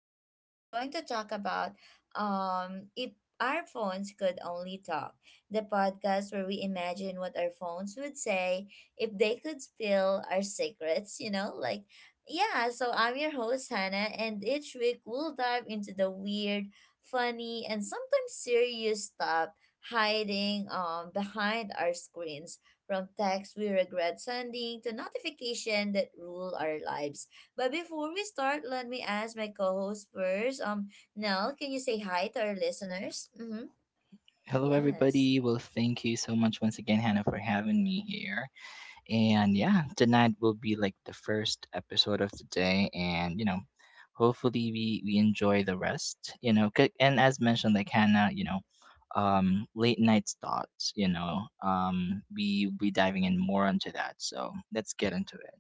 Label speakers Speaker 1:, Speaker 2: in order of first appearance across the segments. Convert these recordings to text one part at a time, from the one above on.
Speaker 1: And today we're going to talk about if our phones could only talk. The podcast where we imagine what our phones would say if they could spill our secrets, yeah, so I'm your host Hannah and each week we'll dive into the weird, funny and sometimes serious stuff hiding behind our screens. From texts we regret sending to notification that rule our lives. But before we start, let me ask my co-host first. Nell, can you say hi to our listeners? Mm-hmm.
Speaker 2: Hello,
Speaker 1: Yes.
Speaker 2: everybody. Well, thank you so much once again, Hannah, for having me here. And yeah, tonight will be like the first episode of the day, and you know, hopefully we enjoy the rest. You know, and as mentioned, like Hannah, you know, late nights thoughts. You know, we diving in more into that. So let's get into it.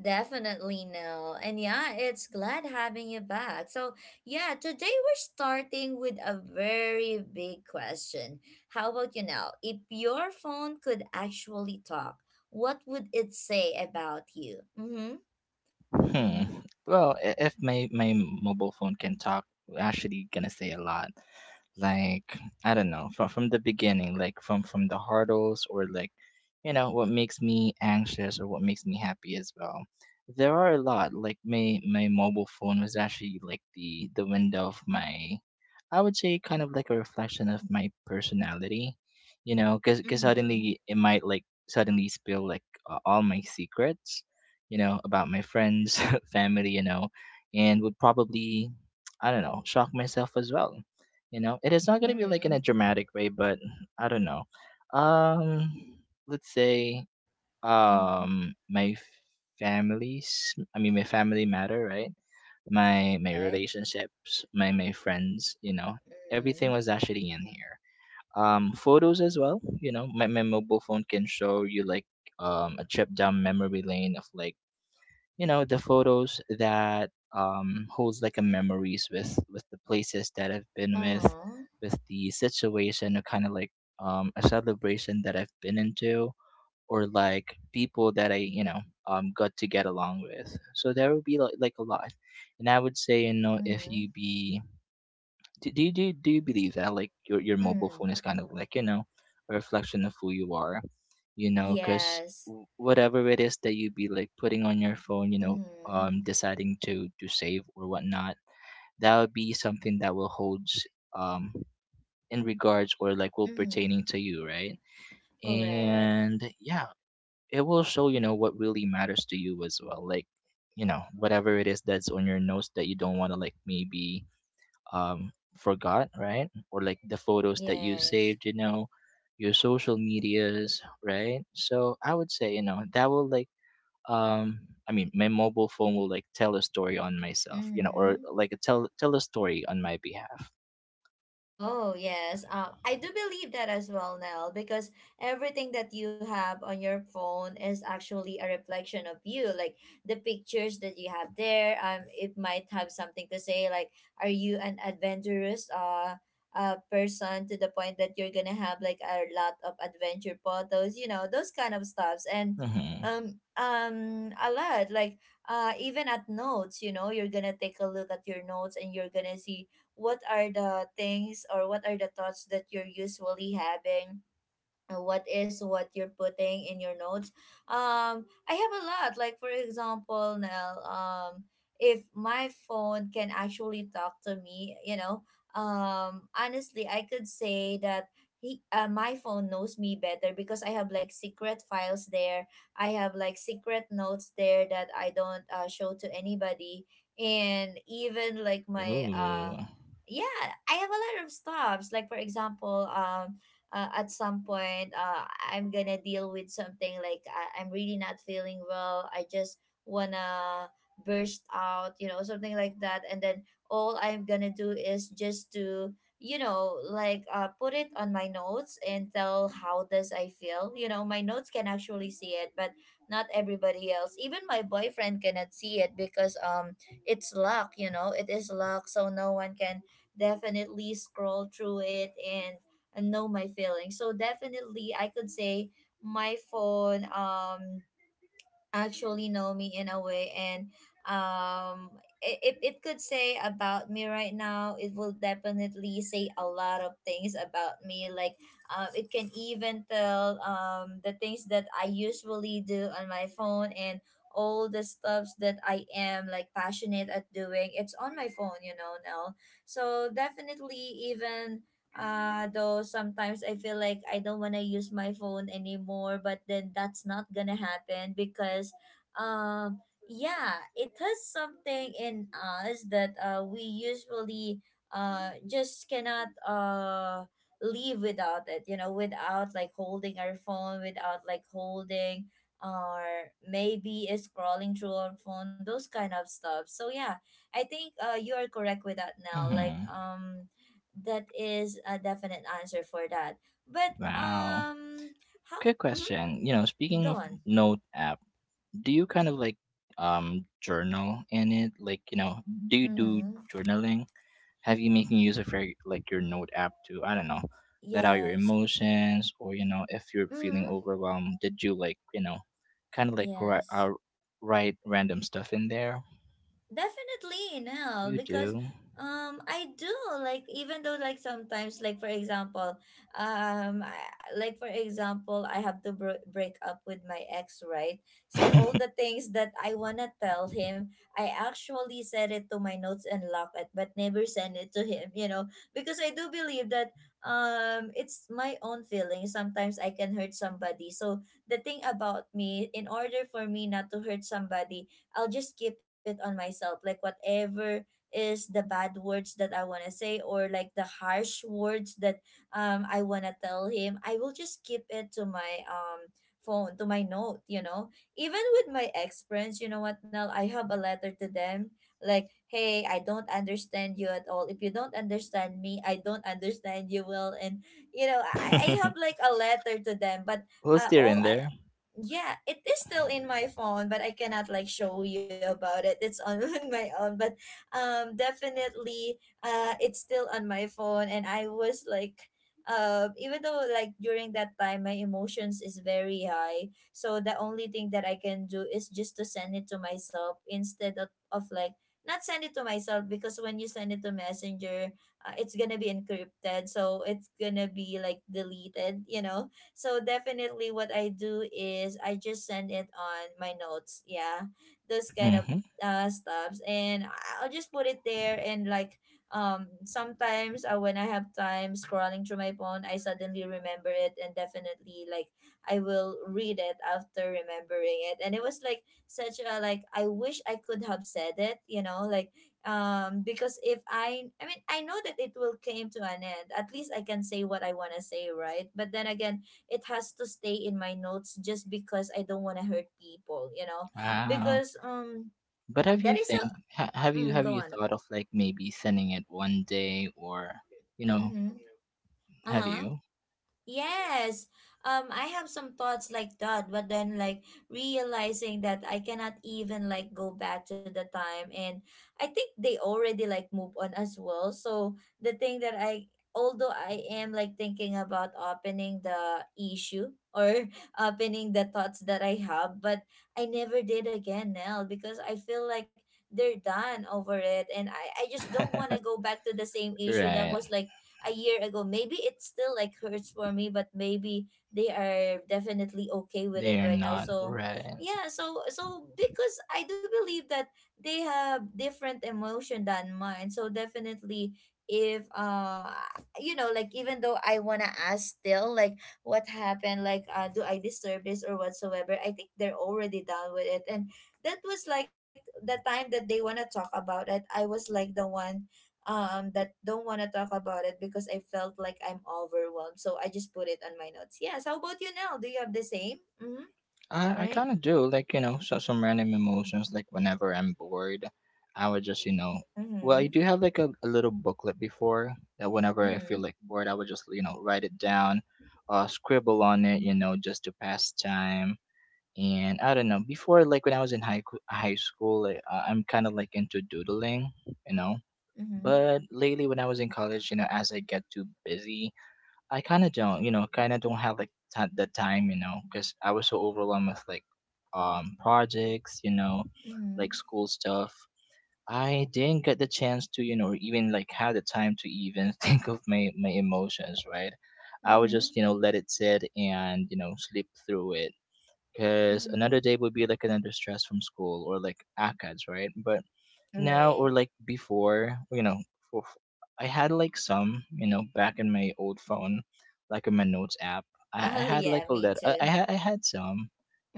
Speaker 1: Definitely no. And yeah, it's glad having you back. So, yeah, today we're starting with a very big question. How about you now? If your phone could actually talk, what would it say about you? Mm-hmm.
Speaker 2: Hmm.
Speaker 1: Mm-hmm.
Speaker 2: Well, if my mobile phone can talk, we're actually gonna say a lot. Like I don't know, from the beginning, like from the hurdles, or like you know what makes me anxious or what makes me happy as well. There are a lot, like my mobile phone was actually like the window of my, I would say, kind of like a reflection of my personality, you know, because
Speaker 1: Mm-hmm.
Speaker 2: suddenly it might like suddenly spill like all my secrets, you know, about my friends, family, you know, and would probably, I don't know, shock myself as well, you know. It is not going to be like in
Speaker 1: Mm-hmm.
Speaker 2: a dramatic way, but I don't know. um let's say,
Speaker 1: Mhm.
Speaker 2: my families, I mean, my family matter, right? My
Speaker 1: Right.
Speaker 2: relationships, my friends, you know, everything
Speaker 1: Mhm.
Speaker 2: was actually in here. Photos as well, you know, my mobile phone can show you like a trip down memory lane of like, you know, the photos that holds like a memories with the places that I've been with
Speaker 1: Uh-huh.
Speaker 2: with the situation, or kind of like a celebration that I've been into, or like people that I, you know, got to get along with. So there would be like, a lot. And I would say, you know, if you
Speaker 1: Mhm.
Speaker 2: be do you believe that like your mobile
Speaker 1: Mm.
Speaker 2: phone is kind of like, you know, a reflection of who you are? You know, because
Speaker 1: Yes.
Speaker 2: whatever it is that you be like putting on your phone, you know,
Speaker 1: Mhm.
Speaker 2: deciding to save or whatnot, that would be something that will holds um in regards, or like will pertaining
Speaker 1: Mhm.
Speaker 2: to you, right?
Speaker 1: Correct.
Speaker 2: And yeah, it will show you know what really matters to you as well, like you know whatever it is that's on your notes that you don't want to, like, maybe, um, forgot, right? Or like the photos that you
Speaker 1: Yes.
Speaker 2: saved, you know, your social medias, right? So I would say, you know, that will like, um, I mean, my mobile phone will like tell a story on myself, you know, or
Speaker 1: Mhm.
Speaker 2: like tell a story on my behalf.
Speaker 1: Oh, yes. I do believe that as well, Nell, because everything that you have on your phone is actually a reflection of you. Like the pictures that you have there, it might have something to say, like, are you an adventurous person to the point that you're gonna have like a lot of adventure photos, you know, those kind of stuffs. And
Speaker 2: Mm-hmm.
Speaker 1: a lot, like even at notes, you know, you're gonna take a look at your notes and you're gonna see what are the things or what are the thoughts that you're usually having, what is what you're putting in your notes. I have a lot, like for example now, if my phone can actually talk to me, you know, honestly I could say that he, my phone knows me better because I have like secret files there, I have like secret notes there that I don't show to anybody. And even like my
Speaker 2: Ooh.
Speaker 1: yeah, I have a lot of stops. Like for example, at some point, I'm gonna deal with something like I'm really not feeling well. I just wanna burst out, you know, something like that. And then all I'm gonna do is just to, you know, like put it on my notes and tell how does I feel. You know, my notes can actually see it, but not everybody else. Even my boyfriend cannot see it because it's luck. You know, it is luck, so no one can definitely scroll through it and know my feelings. So definitely I could say my phone actually know me in a way. And um if it could say about me right now, it will definitely say a lot of things about me, like it can even tell the things that I usually do on my phone, and all the stuffs that I am like passionate at doing, it's on my phone, you know, now. So definitely, even though sometimes I feel like I don't want to use my phone anymore, but then that's not gonna happen because um yeah, it has something in us that we usually just cannot leave without it, you know, without like holding our phone, without like holding or maybe scrolling through our phone, those kind of stuff. So yeah, I think you are correct with that now. Like
Speaker 2: Mm-hmm.
Speaker 1: that is a definite answer for that. But
Speaker 2: Wow.
Speaker 1: how?
Speaker 2: Good
Speaker 1: Mm-hmm,
Speaker 2: question. You know, speaking
Speaker 1: go
Speaker 2: of
Speaker 1: on.
Speaker 2: note app, do you kind of like journal in it? Like, you know, do you do
Speaker 1: Mm-hmm.
Speaker 2: journaling? Have you making use of your like your note app to, I don't know, let out your
Speaker 1: Yes.
Speaker 2: emotions? Or you know, if you're feeling
Speaker 1: Mm-hmm.
Speaker 2: overwhelmed, did you like, you know, kind of like
Speaker 1: Yes.
Speaker 2: write random stuff in there?
Speaker 1: Definitely, no,
Speaker 2: You
Speaker 1: because
Speaker 2: do.
Speaker 1: I do. Like, even though like sometimes, like for example, um I, like for example, I have to break up with my ex, right? So all the things that I want to tell him, I actually set it to my notes and lock it, but never send it to him, you know, because I do believe that it's my own feelings. Sometimes I can hurt somebody, so the thing about me, in order for me not to hurt somebody, I'll just keep it on myself. Like whatever is the bad words that I want to say, or like the harsh words that I want to tell him, I will just keep it to my phone, to my note, you know. Even with my ex friends, you know what, Nell, I have a letter to them like, "Hey, I don't understand you at all. If you don't understand me, I don't understand you well." And you know, I have like a letter to them, but
Speaker 2: Well, still in
Speaker 1: all I
Speaker 2: there.
Speaker 1: yeah, it is still in my phone, but I cannot like show you about it. It's on, on my own. But definitely it's still on my phone and I was like, even though like during that time my emotions is very high, so the only thing that I can do is just to send it to myself, instead of like not send it to myself, because when you send it to messenger, it's gonna be encrypted, so it's gonna be like deleted, you know. So definitely what I do is I just send it on my notes. Yeah. Those kind of
Speaker 2: Hmm.
Speaker 1: stuffs. And I'll just put it there and, like, sometimes, when I have time scrolling through my phone, I suddenly remember it, and definitely like I will read it after remembering it. And it was like such a, like, I wish I could have said it, you know, like because if I I mean I know that it will came to an end. At least I can say what I wanna say, right? But then again, it has to stay in my notes just because I don't want to hurt people, you know?
Speaker 2: Wow.
Speaker 1: Because
Speaker 2: But have
Speaker 1: that
Speaker 2: you
Speaker 1: is a
Speaker 2: think have you
Speaker 1: mm, go
Speaker 2: have you
Speaker 1: on.
Speaker 2: thought of like maybe sending it one day? Or you know,
Speaker 1: Mhm.
Speaker 2: have
Speaker 1: Uh-huh.
Speaker 2: you?
Speaker 1: Yes. I have some thoughts like that, but then, like, realizing that I cannot even like go back to the time, and I think they already like move on as well. So the thing that I, although I am like thinking about opening the issue or opening the thoughts that I have, but I never did again now, because I feel like they're done over it, and I just don't wanna go back to the same issue that
Speaker 2: Right.
Speaker 1: was like a year ago. Maybe it still like hurts for me, but maybe they are definitely okay with
Speaker 2: They are
Speaker 1: it right now.
Speaker 2: not,
Speaker 1: So
Speaker 2: right?
Speaker 1: yeah, so so because I do believe that they have different emotion than mine. So definitely, if you know, like even though I want to ask still, like, what happened, like do I disturb this or whatsoever, I think they're already done with it, and that was like the time that they want to talk about it. I was like the one that don't want to talk about it because I felt like I'm overwhelmed. So I just put it on my notes. Yes. How about you now? Do you have the same? Mm-hmm.
Speaker 2: I
Speaker 1: Right?
Speaker 2: kind of do, like, you know, so some random emotions, like whenever I'm bored, I would just, you know. Well, I
Speaker 1: Mm-hmm.
Speaker 2: do have like a little booklet before that, whenever I feel like
Speaker 1: Mm-hmm.
Speaker 2: bored, I would just, you know, write it down, scribble on it, you know, just to pass time. And I don't know, before, like, when I was in high school, like, I'm kind of like into doodling, you know.
Speaker 1: Mm-hmm.
Speaker 2: But lately, when I was in college, you know, as I get too busy, I kind of don't, you know, kind of don't have like the time, you know, because I was so overwhelmed with like projects, you know,
Speaker 1: Mm-hmm. Mm-hmm.
Speaker 2: like school stuff. I didn't get the chance to, you know, even like have the time to even think of my emotions, right? I would
Speaker 1: Mm-hmm.
Speaker 2: just, you know, let it sit and you know sleep through it, because another
Speaker 1: Mm-hmm.
Speaker 2: day would be like another stress from school or like ACADS, right? But now
Speaker 1: Right.
Speaker 2: or like before, you know, for, I had like some, you know, back in my old phone, like in my notes app, I
Speaker 1: Oh
Speaker 2: had like
Speaker 1: yeah,
Speaker 2: a
Speaker 1: me
Speaker 2: little
Speaker 1: too.
Speaker 2: I had some,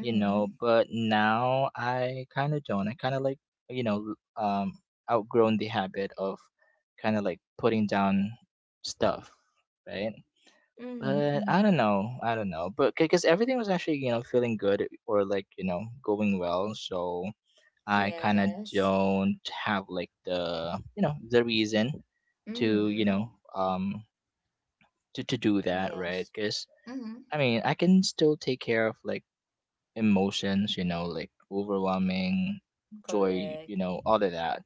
Speaker 2: you know.
Speaker 1: Mm-hmm.
Speaker 2: But now I kind of don't, I kind of like, you know, outgrown the habit of kind of like putting down stuff, right?
Speaker 1: Mm-hmm.
Speaker 2: But I
Speaker 1: Mm-hmm.
Speaker 2: don't know, but because everything was actually, you know, feeling good, or like, you know, going well, so I kind of
Speaker 1: Yes.
Speaker 2: don't have like the, you know, the reason to, you
Speaker 1: Mm-hmm.
Speaker 2: know, to do that, right?
Speaker 1: Yes.
Speaker 2: Because
Speaker 1: Mm-hmm.
Speaker 2: I mean, I can still take care of like emotions, you know, like overwhelming joy, you
Speaker 1: Correct.
Speaker 2: know, all of that.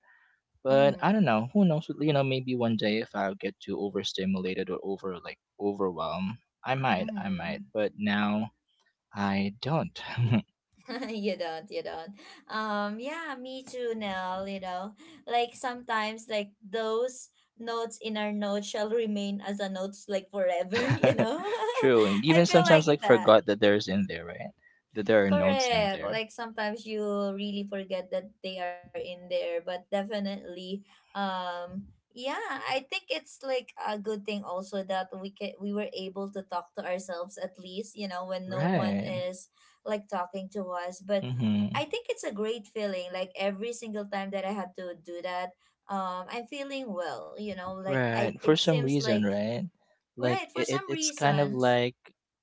Speaker 2: But I
Speaker 1: Mm-hmm.
Speaker 2: don't know, who knows, you know, maybe one day if I get too overstimulated or over like overwhelmed, I might,
Speaker 1: Mm-hmm.
Speaker 2: but now I don't.
Speaker 1: You don't, you don't. Yeah, me too, Nell, you know. Like sometimes, like, those notes in our notes shall remain as a notes like forever, you know?
Speaker 2: True, and
Speaker 1: I
Speaker 2: even
Speaker 1: feel
Speaker 2: sometimes
Speaker 1: like
Speaker 2: like
Speaker 1: that.
Speaker 2: forgot that there's in there, right? That there are notes in
Speaker 1: Correct.
Speaker 2: there,
Speaker 1: Like sometimes you really forget that they are in there, but definitely, um yeah, I think it's like a good thing also that we can, we were able to talk to ourselves at least, you know, when no one
Speaker 2: right?
Speaker 1: is like talking to us. But
Speaker 2: Mm-hmm.
Speaker 1: I think it's a great feeling, like every single time that I have to do that, I'm feeling well, you know, like I,
Speaker 2: Right.
Speaker 1: it
Speaker 2: For some
Speaker 1: seems
Speaker 2: reason,
Speaker 1: like
Speaker 2: right?
Speaker 1: right
Speaker 2: Like
Speaker 1: for
Speaker 2: it,
Speaker 1: some
Speaker 2: it's kind of
Speaker 1: reasons.
Speaker 2: like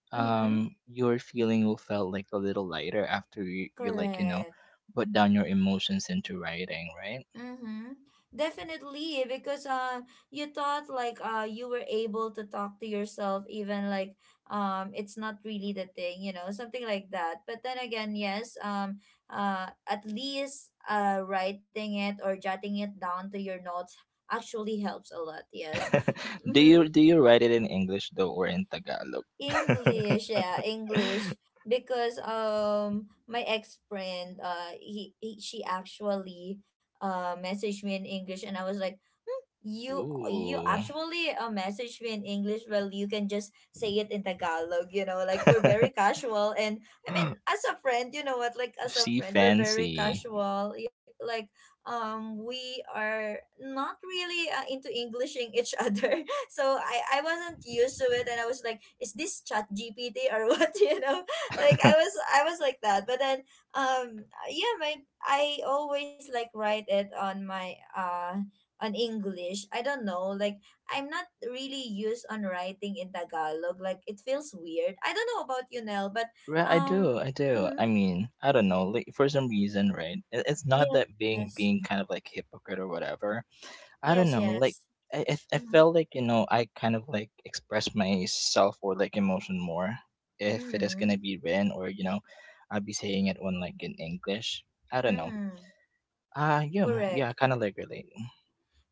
Speaker 1: Mhm.
Speaker 2: your feeling will felt like a little lighter after you, you like you know
Speaker 1: Correct.
Speaker 2: put down your emotions into writing, right?
Speaker 1: Mm-hmm. Definitely, eh, because you thought like you were able to talk to yourself, even like, it's not really the thing, you know, something like that. But then again, yes, at least writing it or jotting it down to your notes actually helps a lot. Yes.
Speaker 2: Do you
Speaker 1: Mm-hmm.
Speaker 2: write it in English though, or in Tagalog?
Speaker 1: English, yeah, English. Because my ex friend, he she actually messaged me in English, and I was like, hmm, you
Speaker 2: Ooh.
Speaker 1: actually messaged me in English. Well, you can just say it in Tagalog. You know, like we're very casual, and I mean, as a friend, you know what? Like as a
Speaker 2: See
Speaker 1: friend, we're very
Speaker 2: fancy.
Speaker 1: casual. Like we are not really into Englishing each other. So I wasn't used to it and I was like, is this chat GPT or what? You know? Like I was like that. But then yeah, my I always like write it on my on English. I don't know. Like I'm not really used on writing in Tagalog. Like it feels weird. I don't know about you, Nell, but
Speaker 2: Right, I
Speaker 1: um
Speaker 2: do, I do. I
Speaker 1: mm-hmm.
Speaker 2: mean, I don't know, like for some reason, right? It, it's not that being
Speaker 1: Yes.
Speaker 2: kind of like hypocrite or whatever. I
Speaker 1: Yes,
Speaker 2: don't know, like
Speaker 1: yes.
Speaker 2: I
Speaker 1: Mm-hmm.
Speaker 2: felt like you know I kind of like express myself or like emotion more if it is
Speaker 1: Mm-hmm.
Speaker 2: gonna be written, or you know, I'll be saying it on like in English. I don't know.
Speaker 1: Mm-hmm.
Speaker 2: Yeah, yeah,
Speaker 1: Correct.
Speaker 2: I kind of like relate.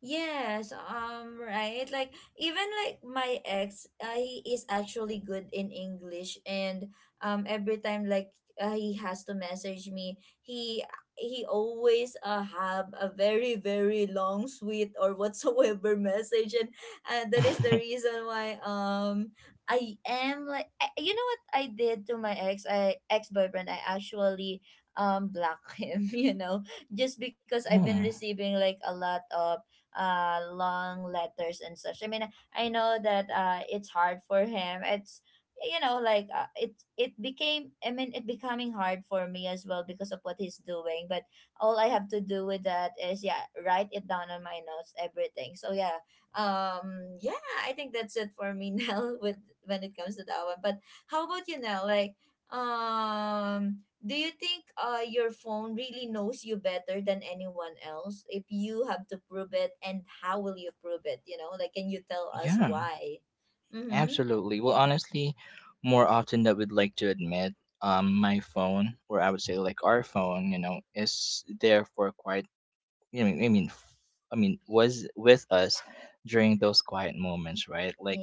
Speaker 1: Yes, right. Like even like my ex, he is actually good in English, and every time like he has to message me, he always have a very very long, sweet or whatsoever message, and that is the reason why I am like you know what I did to my ex, I ex boyfriend, I actually block him, you know, just because I've been
Speaker 2: Hmm,
Speaker 1: receiving like a lot of long letters and such. I mean, I know that it's hard for him. It's you know like it it became I mean it becoming hard for me as well because of what he's doing. But all I have to do with that is yeah write it down on my notes everything. So yeah, um yeah I think that's it for me now with when it comes to that one. But how about you now like um do you think your phone really knows you better than anyone else? If you have to prove it, and how will you prove it? You know, like, can you tell us
Speaker 2: yeah.
Speaker 1: why? Mm-hmm.
Speaker 2: Absolutely. Well, honestly, more often than we'd like to admit, my phone, or I would say like our phone, you know, is there for quite. I mean, I mean, f- I mean, was with us during those quiet moments, right? Like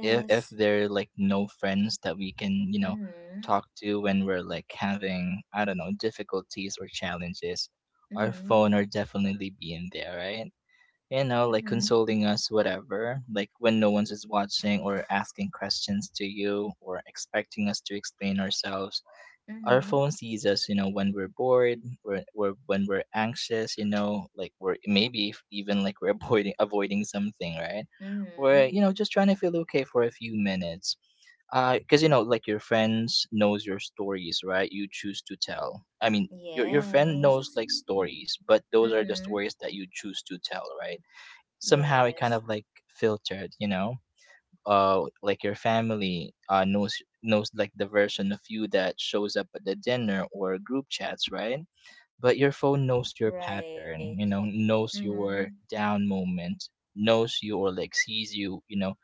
Speaker 2: if there are like no friends that we can, you know,
Speaker 1: Mm-hmm.
Speaker 2: talk to when we're like having, I don't know, difficulties or challenges, our
Speaker 1: Mm-hmm.
Speaker 2: phone are definitely being there, right? You know, like
Speaker 1: Mm-hmm.
Speaker 2: consoling us, whatever, like when no one's is watching or asking questions to you or expecting us to explain ourselves. Our
Speaker 1: Mm-hmm.
Speaker 2: phone sees us, you know, when we're bored, or when we're anxious, you know, like we're maybe even like we're avoiding, something, right? Or,
Speaker 1: Mm-hmm.
Speaker 2: you know, just trying to feel okay for a few minutes. Because, you know, like your friends knows your stories, right? You choose to tell. I mean, your friend knows
Speaker 1: Yes.
Speaker 2: like stories, but those are the
Speaker 1: Mm-hmm.
Speaker 2: stories that you choose to tell, right? Somehow it kind
Speaker 1: Yes.
Speaker 2: of like filtered, you know, like your family knows, like the version of you that shows up at the dinner or group chats, right? But your phone knows your
Speaker 1: Right.
Speaker 2: pattern, you know, knows
Speaker 1: Mm-hmm.
Speaker 2: your down moment, knows you, or like sees you, you know,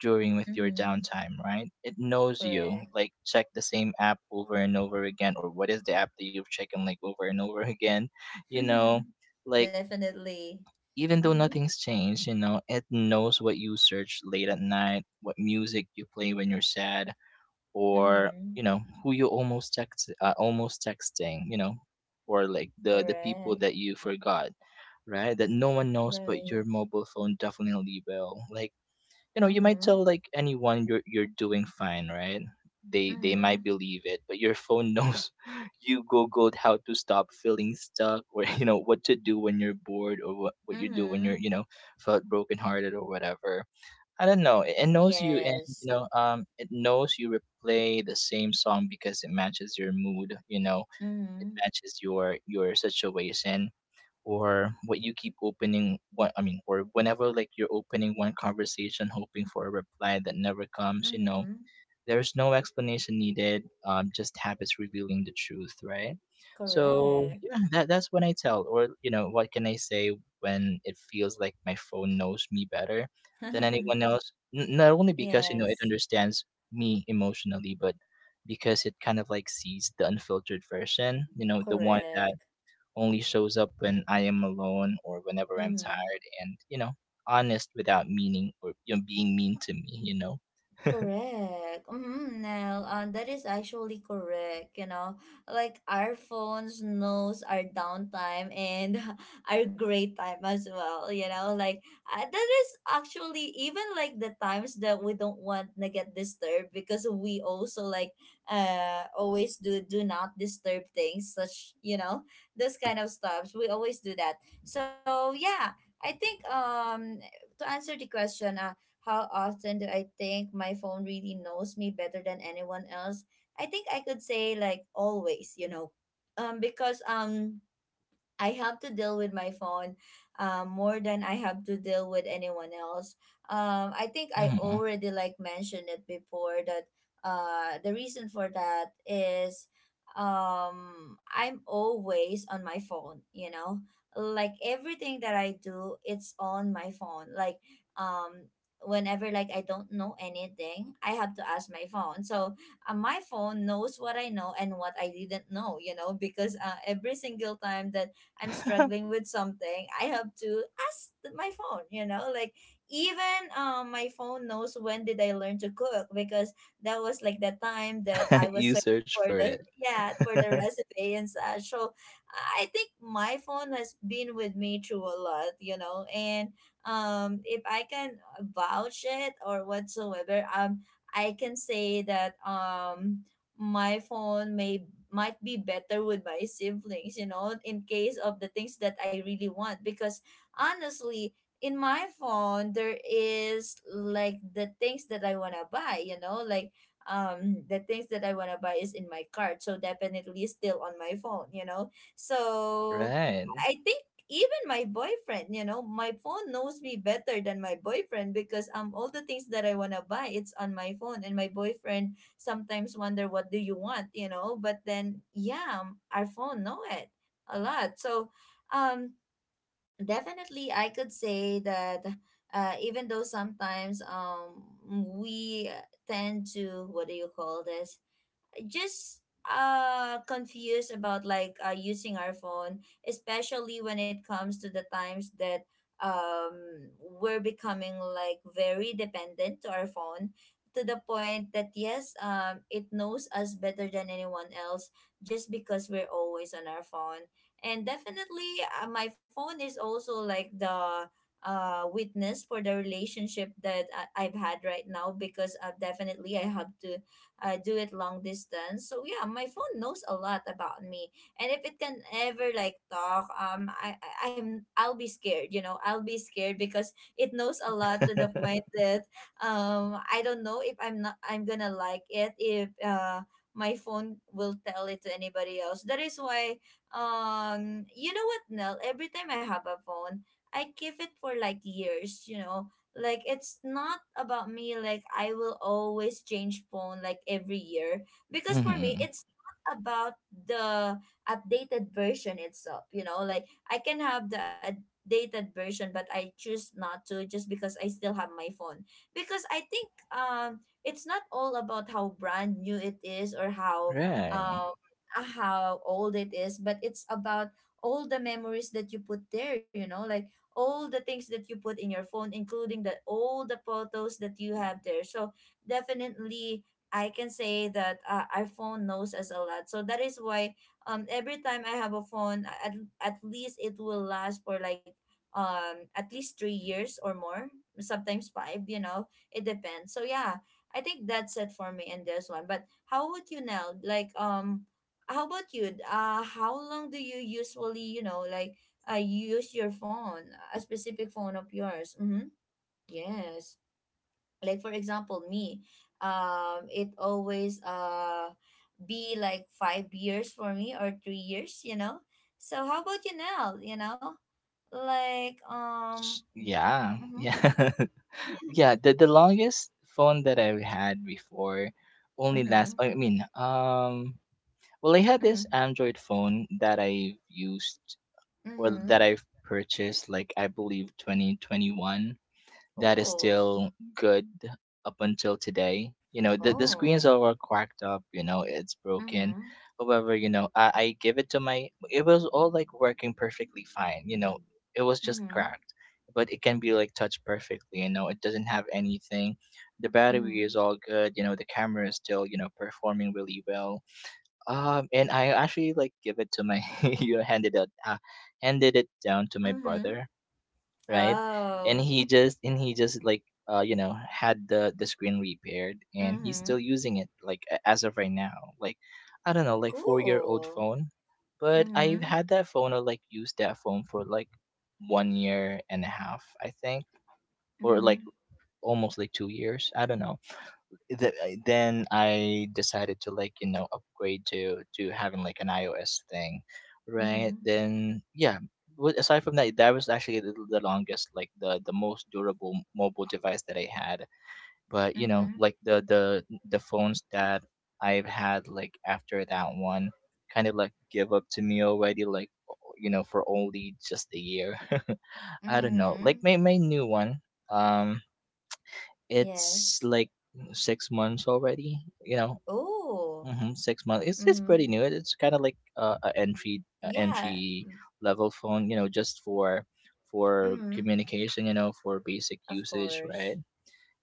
Speaker 2: during with your
Speaker 1: Mm-hmm.
Speaker 2: downtime, right? It knows you.
Speaker 1: Correct.
Speaker 2: Like check the same app over and over again, or what is the app that you've checked and like over and over again, you know, like
Speaker 1: Definitely.
Speaker 2: even though
Speaker 1: Mm-hmm.
Speaker 2: nothing's changed, you know, it knows what you search late at night, what music you play when you're sad, or
Speaker 1: Mm-hmm.
Speaker 2: you know who you almost text, almost texting, you know, or like the people
Speaker 1: Correct.
Speaker 2: that you forgot, right? That no one knows, but
Speaker 1: Right.
Speaker 2: your mobile phone definitely will. Like you know you might
Speaker 1: Mm-hmm.
Speaker 2: tell like anyone you're doing fine, right? They, might
Speaker 1: Mhm.
Speaker 2: believe it, but your phone knows you googled how to stop feeling stuck, or you know what to do when you're bored, or what you do when you're, you
Speaker 1: Mhm.
Speaker 2: know, felt brokenhearted or whatever. I don't know, it knows you, and you
Speaker 1: Yes.
Speaker 2: know, it knows you replay the same song because it matches your mood, you know, it
Speaker 1: Mhm.
Speaker 2: matches your situation, or what you keep opening, what I mean, or whenever like you're opening one conversation hoping for a reply that never comes, you know.
Speaker 1: Mhm.
Speaker 2: There's no explanation needed, just habits revealing the truth, right? So
Speaker 1: Correct.
Speaker 2: yeah, that's when I tell, or you know, what can I say when it feels like my phone knows me better than anyone else? Not only because you know it
Speaker 1: Yes.
Speaker 2: understands me emotionally, but because it kind of like sees the unfiltered version, you know, the one that
Speaker 1: Correct.
Speaker 2: only shows up when I am alone or whenever I'm
Speaker 1: Mhm.
Speaker 2: tired, and you know, honest without meaning or being mean to me.
Speaker 1: Correct. Mm-hmm, Nell, that is actually correct. You know, like our phones knows our downtime and our great time as well. You know, like that is actually even like the times that we don't want to get disturbed because we also like always do do not disturb things such you know those kind of stuffs. We always do that. So yeah, I think to answer the question, how often do I think my phone really knows me better than anyone else? I think I could say like always, you know. Because I have to deal with my phone more than I have to deal with anyone else. I think I
Speaker 2: Hmm.
Speaker 1: already like mentioned it before that the reason for that is I'm always on my phone, you know, like everything that I do, it's on my phone. Like um, whenever like I don't know anything, I have to ask my phone. So my phone knows what I know and what I didn't know, you know, because every single time that I'm struggling with something, I have to ask my phone, you know? Like even my phone knows when did I learn to cook because that was like the time that I was
Speaker 2: You
Speaker 1: searching
Speaker 2: search
Speaker 1: for
Speaker 2: for
Speaker 1: the
Speaker 2: it.
Speaker 1: yeah, for the recipe and such. So I think my phone has been with me through a lot, you know, and if I can vouch it or whatsoever, I can say that my phone may might be better with my siblings, you know, in case of the things that I really want. Because honestly, in my phone, there is like the things that I want to buy, you know, like the things that I want to buy is in my cart. So definitely still on my phone, you know. So
Speaker 2: Right.
Speaker 1: I think even my boyfriend, you know, my phone knows me better than my boyfriend because all the things that I wanna buy, it's on my phone. And my boyfriend sometimes wonder what do you want, you know, but then yeah, our phone know it a lot. So um definitely I could say that even though sometimes we tend to what do you call this? Just confused about like using our phone especially when it comes to the times that um we're becoming like very dependent to our phone to the point that yes it knows us better than anyone else just because we're always on our phone and definitely my phone is also like the witness for the relationship that I've had right now because definitely I have to do it long distance. So yeah, my phone knows a lot about me, and if it can ever like talk, I'll be scared. You know, I'll be scared because it knows a lot to the point that I don't know if I'm gonna like it if my phone will tell it to anybody else. That is why you know what Nell, every time I have a phone I keep it for like years, you know, like it's not about me, like I will always change phone like every year because for me
Speaker 2: Hmm.
Speaker 1: it's not about the updated version itself, you know, like I can have the updated version but I choose not to just because I still have my phone because I think it's not all about how brand new it is or
Speaker 2: Right.
Speaker 1: um how old it is but it's about all the memories that you put there, you know, like all the things that you put in your phone, including the all the photos that you have there. So definitely, I can say that our phone knows us a lot. So that is why every time I have a phone, at least it will last for like at least 3 years or more, sometimes 5. You know, it depends. So yeah, I think that's it for me in this one. But how would you now like? How about you? How long do you usually, you know, like I use your phone, a specific phone of yours. Mm-hmm. Yes. Like for example, me, it always be like 5 years for me or 3 years, you know. So how about you now? You know, like
Speaker 2: Yeah.
Speaker 1: mm-hmm,
Speaker 2: Yeah. Yeah. The longest phone that I had before only
Speaker 1: mm-hmm,
Speaker 2: last. Well, I had this
Speaker 1: mm-hmm,
Speaker 2: Android phone that I've used or
Speaker 1: mm-hmm.
Speaker 2: that I've purchased, like I believe 2021. That is
Speaker 1: Oh,
Speaker 2: still good up until today. You know, the
Speaker 1: oh,
Speaker 2: screens are all cracked up, you know, it's broken.
Speaker 1: mm-hmm,
Speaker 2: However, you know, I give it to my, it was all like working perfectly fine. You know, it was just
Speaker 1: mm-hmm,
Speaker 2: cracked, but it can be like touched perfectly. You know, it doesn't have anything. The
Speaker 1: mm-hmm,
Speaker 2: battery is all good. You know, the camera is still, you know, performing really well. And I actually like give it to my, you know, handed it down to my
Speaker 1: mm-hmm.
Speaker 2: brother, right? And
Speaker 1: Oh,
Speaker 2: he just and he just like you know had the screen repaired and he's still
Speaker 1: mm-hmm.
Speaker 2: using it like as of right now. Like I don't know, like 4-year-old
Speaker 1: Cool.
Speaker 2: phone. But I've
Speaker 1: Mm-hmm,
Speaker 2: had that phone or like used that phone for like 1 year and a half, I think, or
Speaker 1: mm-hmm,
Speaker 2: like almost like 2 years. I don't know then I decided to like you know upgrade to having like an iOS thing, right?
Speaker 1: mm-hmm.
Speaker 2: Then yeah. Aside from that, that was actually the longest, like the most durable mobile device that I had. But you know,
Speaker 1: Mm-hmm.
Speaker 2: like the phones that I've had like after that one, kind of like give up to me already. Like you know, for only just a year. I don't know.
Speaker 1: Mm-hmm.
Speaker 2: Like my new one. Um, it's
Speaker 1: Yes.
Speaker 2: like 6 months already. You know,
Speaker 1: Oh.
Speaker 2: 6 months. It's
Speaker 1: Mm-hmm.
Speaker 2: pretty new. It's kind of like a entry a
Speaker 1: Yeah.
Speaker 2: entry level phone. You know, just for
Speaker 1: Mm-hmm.
Speaker 2: communication. You know, for basic
Speaker 1: Of
Speaker 2: usage,
Speaker 1: course.
Speaker 2: right?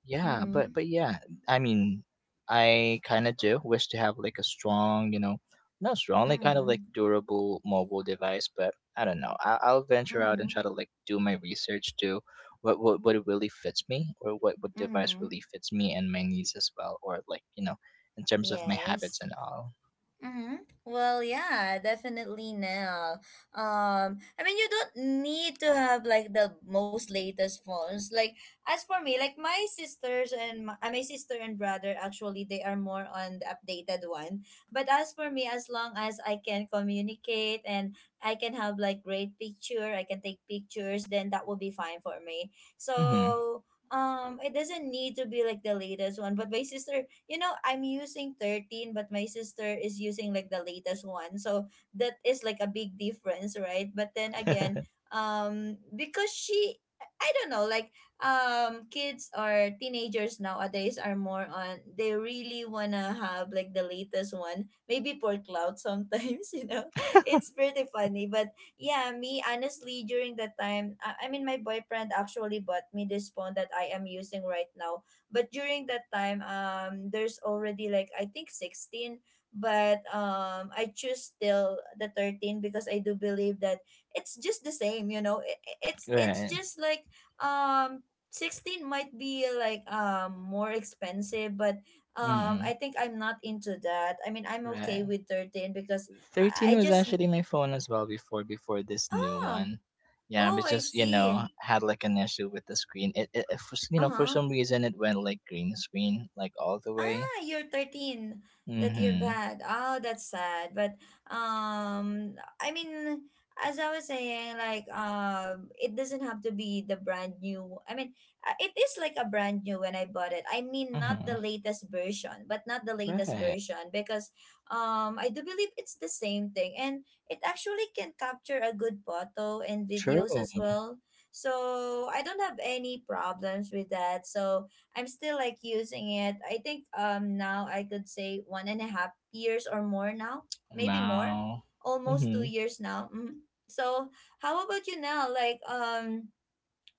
Speaker 2: Yeah,
Speaker 1: Mm-hmm.
Speaker 2: but yeah, I mean, I kind of do wish to have like a strong, you know, not strong, like kind of
Speaker 1: Mm-hmm.
Speaker 2: like durable mobile device. But I don't know. I'll venture out
Speaker 1: Mm-hmm.
Speaker 2: and try to like do my research to what really fits me, or what device
Speaker 1: Mm-hmm.
Speaker 2: really fits me and my needs as well, or like you know, in terms of my habits
Speaker 1: Yes.
Speaker 2: and all.
Speaker 1: Mm-hmm. Well, yeah, definitely now. I mean, you don't need to have like the most latest phones. Like as for me, like my sisters and my, my sister and brother, actually, they are more on the updated one. But as for me, as long as I can communicate and I can have like great picture, I can take pictures, then that will be fine for me.
Speaker 2: Mm-hmm.
Speaker 1: So. It doesn't need to be like the latest one, but my sister, you know, I'm using 13, but my sister is using like the latest one. So that is like a big difference, right? But then again, because she, I don't know, like kids or teenagers nowadays are more on they really wanna have like the latest one maybe for cloud sometimes you know it's pretty funny but yeah me honestly during that time I mean my boyfriend actually bought me this phone that I am using right now, but during that time there's already like I think 16 but I choose still the 13 because I do believe that it's just the same, you know, it's
Speaker 2: Right.
Speaker 1: just like um 16 might be like more expensive but
Speaker 2: Mm-hmm.
Speaker 1: I think I'm not into that, I mean I'm okay
Speaker 2: Right.
Speaker 1: with 13 because I
Speaker 2: 13 was
Speaker 1: just
Speaker 2: actually my phone as well before this new
Speaker 1: ah
Speaker 2: one. Yeah,
Speaker 1: oh
Speaker 2: but
Speaker 1: I
Speaker 2: just you know
Speaker 1: see
Speaker 2: had like an issue with the screen. You know, for
Speaker 1: uh-huh.
Speaker 2: some reason it went like green screen like all the way.
Speaker 1: Ah, you're 13 that you've
Speaker 2: Mhm.
Speaker 1: had. Oh, that's sad. But um I mean as I was saying like it doesn't have to be the brand new. I mean it is like a brand new when I bought it. I mean not the
Speaker 2: Mhm.
Speaker 1: latest version, but not the latest
Speaker 2: Right.
Speaker 1: version because I do believe it's the same thing and it actually can capture a good photo and
Speaker 2: True.
Speaker 1: videos as well. So I don't have any problems with that. So I'm still like using it. I think now I could say 1.5 years or more now, maybe more,
Speaker 2: Wow.
Speaker 1: almost two
Speaker 2: Mhm.
Speaker 1: years now. So how about you now? Like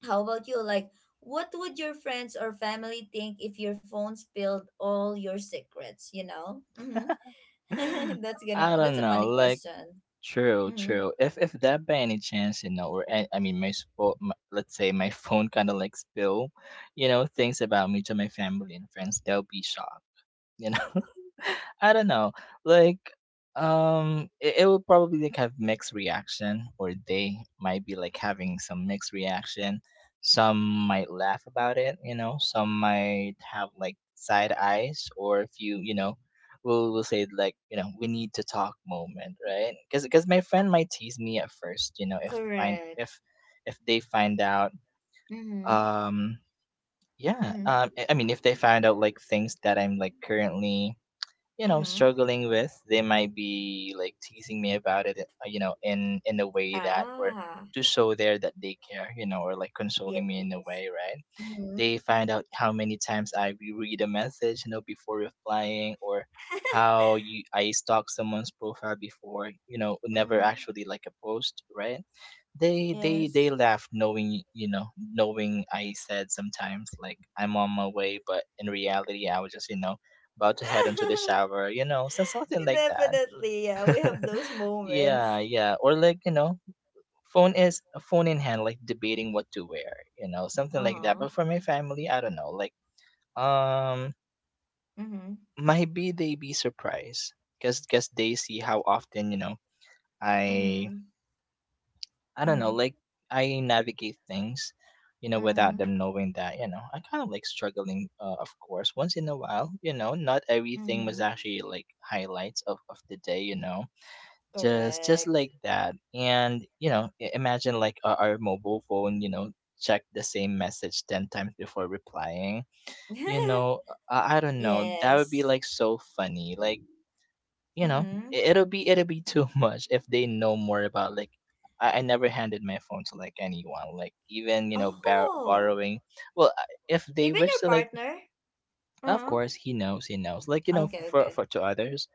Speaker 1: how about you? Like what would your friends or family think if your phone spilled all your secrets? You know, mm-hmm. That's gonna
Speaker 2: I don't
Speaker 1: that's a
Speaker 2: know.
Speaker 1: funny
Speaker 2: Like
Speaker 1: question.
Speaker 2: true,
Speaker 1: Mm-hmm.
Speaker 2: true. If that by any chance you know or I mean my let's say my phone kind of like spill, you know things about me to my family and friends, they'll be shocked you know I don't know like it will probably like have mixed reaction or they might be like having some mixed reaction, some might laugh about it you know some might have like side eyes or if you know we will say like you know we need to talk moment right because my friend might tease me at first you know
Speaker 1: Correct.
Speaker 2: if they find out,
Speaker 1: Mm-hmm.
Speaker 2: um yeah,
Speaker 1: Mm-hmm.
Speaker 2: I mean if they find out like things that I'm like currently you know
Speaker 1: Mm-hmm.
Speaker 2: struggling with they might be like teasing me about it, you know, in a way that or
Speaker 1: Ah,
Speaker 2: to show there that they care you know or like
Speaker 1: yes.
Speaker 2: consoling me in a way, right?
Speaker 1: Mm-hmm.
Speaker 2: They find out how many times I reread a message, you know, before replying or how you I stalk someone's profile before, you know, never
Speaker 1: Mm-hmm.
Speaker 2: actually like a post, right? They
Speaker 1: Yes.
Speaker 2: laugh knowing, you know, knowing I said sometimes like I'm on my way, but in reality I was just, you know, about to head into the shower, you know, so something like that.
Speaker 1: Definitely, yeah. We have those moments.
Speaker 2: Yeah, yeah. Or like, you know, phone is a phone in hand, like debating what to wear, you know,
Speaker 1: Uh
Speaker 2: something like that.
Speaker 1: huh.
Speaker 2: But for my family, I don't know, like um,
Speaker 1: Mm-hmm.
Speaker 2: maybe they be surprised, cause they see how often you know I
Speaker 1: Mm-hmm.
Speaker 2: I don't know,
Speaker 1: Mm-hmm.
Speaker 2: like I navigate things, you know, without
Speaker 1: Mm-hmm.
Speaker 2: them knowing that, you know, I kind of like struggling, of course, once in a while, you know, not everything was
Speaker 1: Mm-hmm.
Speaker 2: actually like highlights of the day, you know just like
Speaker 1: Correct.
Speaker 2: that and you know imagine like our mobile phone you know check the same message 10 times before replying you know I don't know that would be
Speaker 1: Yes.
Speaker 2: like so funny like you know
Speaker 1: Mm-hmm.
Speaker 2: it'll be too much if they know more about like I never handed my phone to like anyone like even you know
Speaker 1: Oh.
Speaker 2: borrowing well if they
Speaker 1: Even
Speaker 2: wish
Speaker 1: your
Speaker 2: to like
Speaker 1: partner?
Speaker 2: of
Speaker 1: Uh-huh.
Speaker 2: course he knows like you know
Speaker 1: Okay, okay.
Speaker 2: for to others,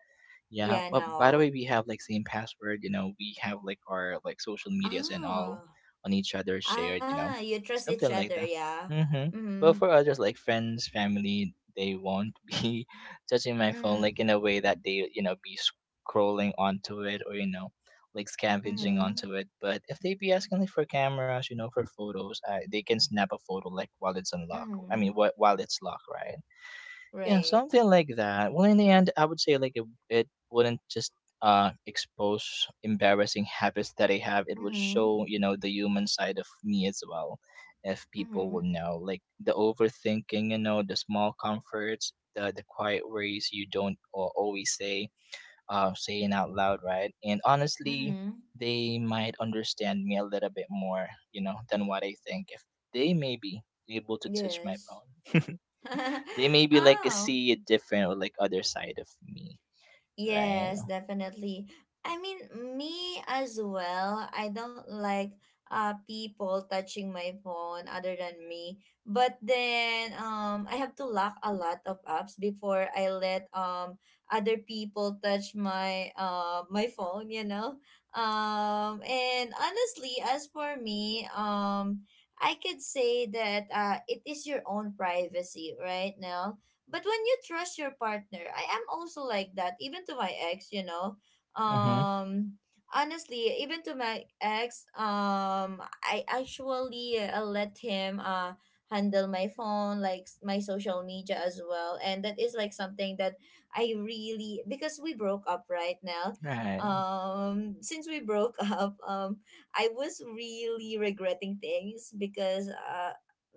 Speaker 2: yeah.
Speaker 1: Yeah,
Speaker 2: But by the
Speaker 1: no.
Speaker 2: way, we have like same password. You know, we have like our like social medias and all
Speaker 1: Ah.
Speaker 2: on each other shared. You
Speaker 1: Ah,
Speaker 2: know,
Speaker 1: you trust each
Speaker 2: something
Speaker 1: other,
Speaker 2: like that.
Speaker 1: yeah.
Speaker 2: Mm-hmm.
Speaker 1: Mm-hmm.
Speaker 2: But for others like friends, family, they won't be touching my phone
Speaker 1: Mm-hmm.
Speaker 2: like in a way that they you know be scrolling onto it or you know like scavenging
Speaker 1: Mm-hmm.
Speaker 2: onto it. But if they be asking like for cameras, you know, for photos, they can snap a photo like while it's unlocked. I
Speaker 1: Mm-hmm.
Speaker 2: mean, while it's locked, right? Yeah,
Speaker 1: Right.
Speaker 2: something like that. Well, in the end, I would say like it wouldn't just expose embarrassing habits that I have. It would
Speaker 1: Mm-hmm.
Speaker 2: show, you know, the human side of me as well. If people
Speaker 1: Mm-hmm.
Speaker 2: would know, like the overthinking, you know, the small comforts, the quiet worries you don't always say, saying out loud, right? And honestly,
Speaker 1: Mm-hmm.
Speaker 2: they might understand me a little bit more, you know, than what I think if they may be able to touch my
Speaker 1: Yes.
Speaker 2: phone they maybe like
Speaker 1: Oh,
Speaker 2: see a different or like other side of me, right?
Speaker 1: yes, definitely. I mean, me as well. I don't like people touching my phone other than me. But then I have to lock a lot of apps before I let other people touch my my phone, you know. And honestly, as for me, I could say that it is your own privacy right now, but when you trust your partner, I am also like that, even to my ex, you know.
Speaker 2: Mm-hmm.
Speaker 1: Um Honestly, even to my ex, I actually let him handle my phone, like my social media as well. And that is like something that I really, because we broke up right now.
Speaker 2: Right.
Speaker 1: Since we broke up, I was really regretting things because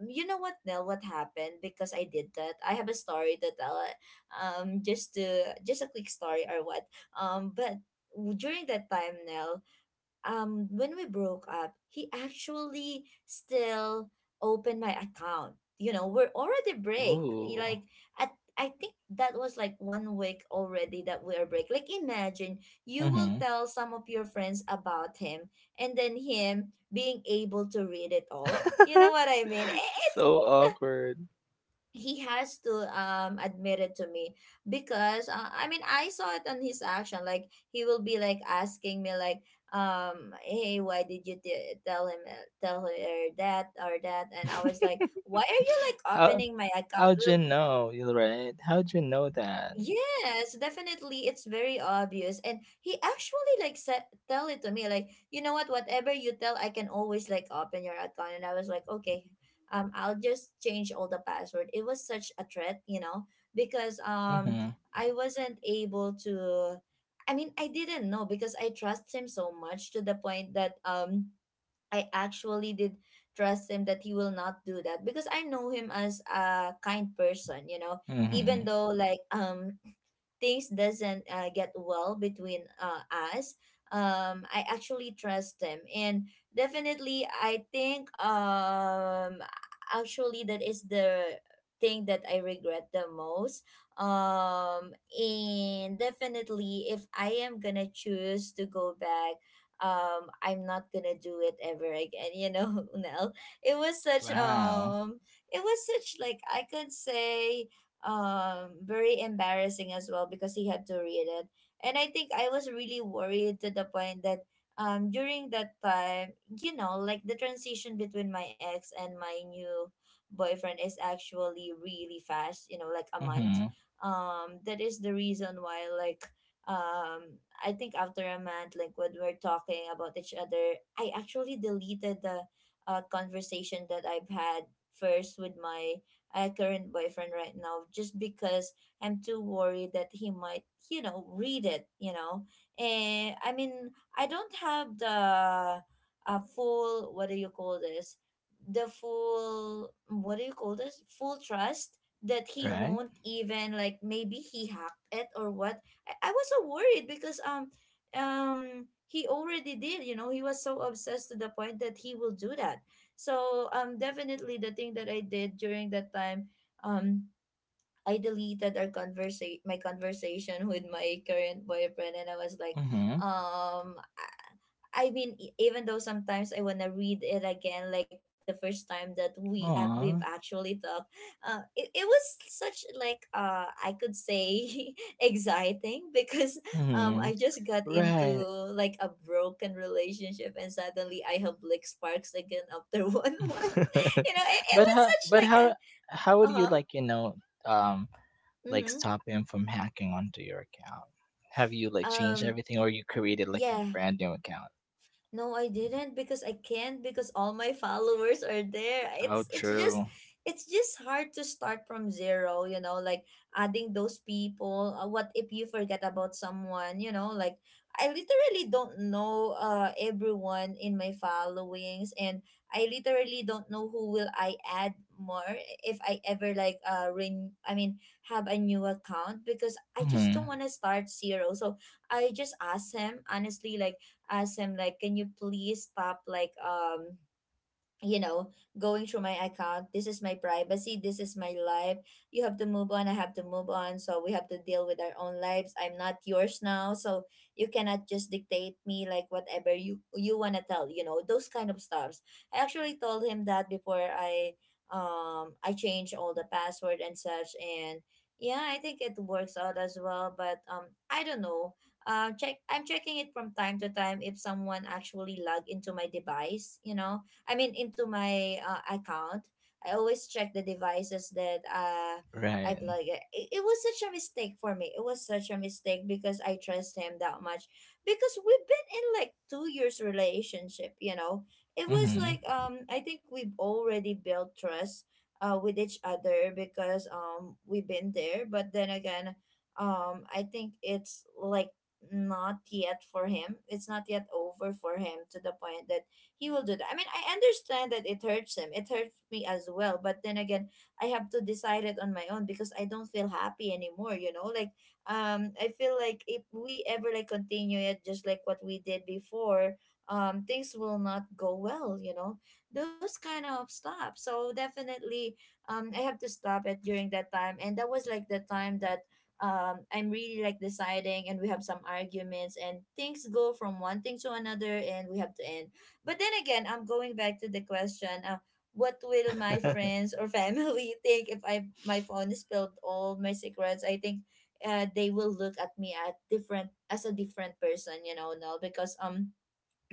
Speaker 1: you know what, Nell, what happened, because I did that. I have a story to tell, just to just a quick story or what, but during that time, Nell, when we broke up, he actually still opened my account, you know, we're already break,
Speaker 2: Ooh.
Speaker 1: like at, I think that was like 1 week already that we are break. Like imagine you will
Speaker 2: Mm-hmm.
Speaker 1: tell some of your friends about him, and then him being able to read it all. You know what I mean?
Speaker 2: So awkward.
Speaker 1: He has to admit it to me, because I mean I saw it on his action. Like he will be like asking me, like, hey, why did you tell him, tell her that or that? And I was like, why are you like
Speaker 2: How
Speaker 1: opening my account?
Speaker 2: how'd you
Speaker 1: Well,
Speaker 2: know? You're right. How'd you know that?
Speaker 1: yes, definitely. It's very obvious. And he actually like said, tell it to me, like, you know what, whatever you tell, I can always like open your account. And I was like, okay, I'll just change all the password. It was such a threat, you know, because
Speaker 2: Mm-hmm.
Speaker 1: I wasn't able to, I mean, I didn't know because I trust him so much to the point that I actually did trust him that he will not do that, because I know him as a kind person, you know,
Speaker 2: Mm-hmm.
Speaker 1: even though like things doesn't get well between us, I actually trust him. And definitely I think actually that is the thing that I regret the most. And definitely, if I am gonna choose to go back, I'm not gonna do it ever again, you know, Nell. It was such
Speaker 2: Wow.
Speaker 1: it was such like, I could say, very embarrassing as well, because he had to read it. And I think I was really worried to the point that during that time, you know, like the transition between my ex and my new boyfriend is actually really fast, you know, like a
Speaker 2: Mm-hmm.
Speaker 1: month. That is the reason why, like, I think after a month, like when we're talking about each other, I actually deleted the conversation that I've had first with my current boyfriend right now, just because I'm too worried that he might, you know, read it, you know. And I mean, I don't have the full, what do you call this? The full, what do you call this? Full trust that he
Speaker 2: Right?
Speaker 1: won't even like, maybe he hacked it or what. I was so worried because he already did, you know, he was so obsessed to the point that he will do that. So definitely, the thing that I did during that time, um I deleted our my conversation with my current boyfriend. And I was like
Speaker 2: Mm-hmm.
Speaker 1: um I mean, even though sometimes I wanna read it again, like the first time that we we've
Speaker 2: Aw.
Speaker 1: actually talked, it was such like, I could say exciting, because
Speaker 2: Mm-hmm.
Speaker 1: I just got into
Speaker 2: Right.
Speaker 1: like a broken relationship and suddenly I have like sparks again after 1 month. You know, it
Speaker 2: but
Speaker 1: was
Speaker 2: how
Speaker 1: such
Speaker 2: but
Speaker 1: like a,
Speaker 2: how how
Speaker 1: uh
Speaker 2: would you
Speaker 1: huh.
Speaker 2: like, you know, um like
Speaker 1: Mm-hmm.
Speaker 2: stop him from hacking onto your account? Have you like changed
Speaker 1: Um.
Speaker 2: everything or you created like a
Speaker 1: Yeah.
Speaker 2: brand new account?
Speaker 1: No, I didn't, because I can't, because all my followers are there.
Speaker 2: Oh,
Speaker 1: It's just,
Speaker 2: true.
Speaker 1: it's just hard to start from zero, you know, like adding those people. What if you forget about someone, you know, like I literally don't know everyone in my followings. And I literally don't know who will I add more, if I ever like ring I mean have a new account, because I just
Speaker 2: Mm-hmm.
Speaker 1: don't want to start zero. So I just asked him, honestly, like, asked him like, "Can you please stop, like, you know, going through my account? This is my privacy, this is my life. You have to move on, I have to move on, so we have to deal with our own lives. I'm not yours now, so you cannot just dictate me like whatever you want to tell, you know, those kind of stuffs." I actually told him that before I changed all the password and such. And yeah, I think it works out as well, but I don't know, check I'm checking it from time to time if someone actually log into my device, you know, I mean, into my account. I always check the devices that I've
Speaker 2: Right.
Speaker 1: like. It was such a mistake for me. It was such a mistake because I trust him that much. Because we've been in like 2 years relationship. You know, it was
Speaker 2: Mm-hmm.
Speaker 1: like. I think we've already built trust with each other, because we've been there. But then again, I think it's like not yet for him. It's not yet over for him, to the point that he will do that. I mean, I understand that it hurts him. It hurts me as well. But then again, I have to decide it on my own because I don't feel happy anymore, you know? Like I feel like if we ever like continue it just like what we did before, things will not go well, you know? Those kind of stuff. So definitely I have to stop it during that time. And that was like the time that I'm really like deciding, and we have some arguments, and things go from one thing to another, and we have to end. But then again, I'm going back to the question, what will my friends or family think if I my phone spilled all my secrets? I think they will look at me at different, as a different person, you know, now, because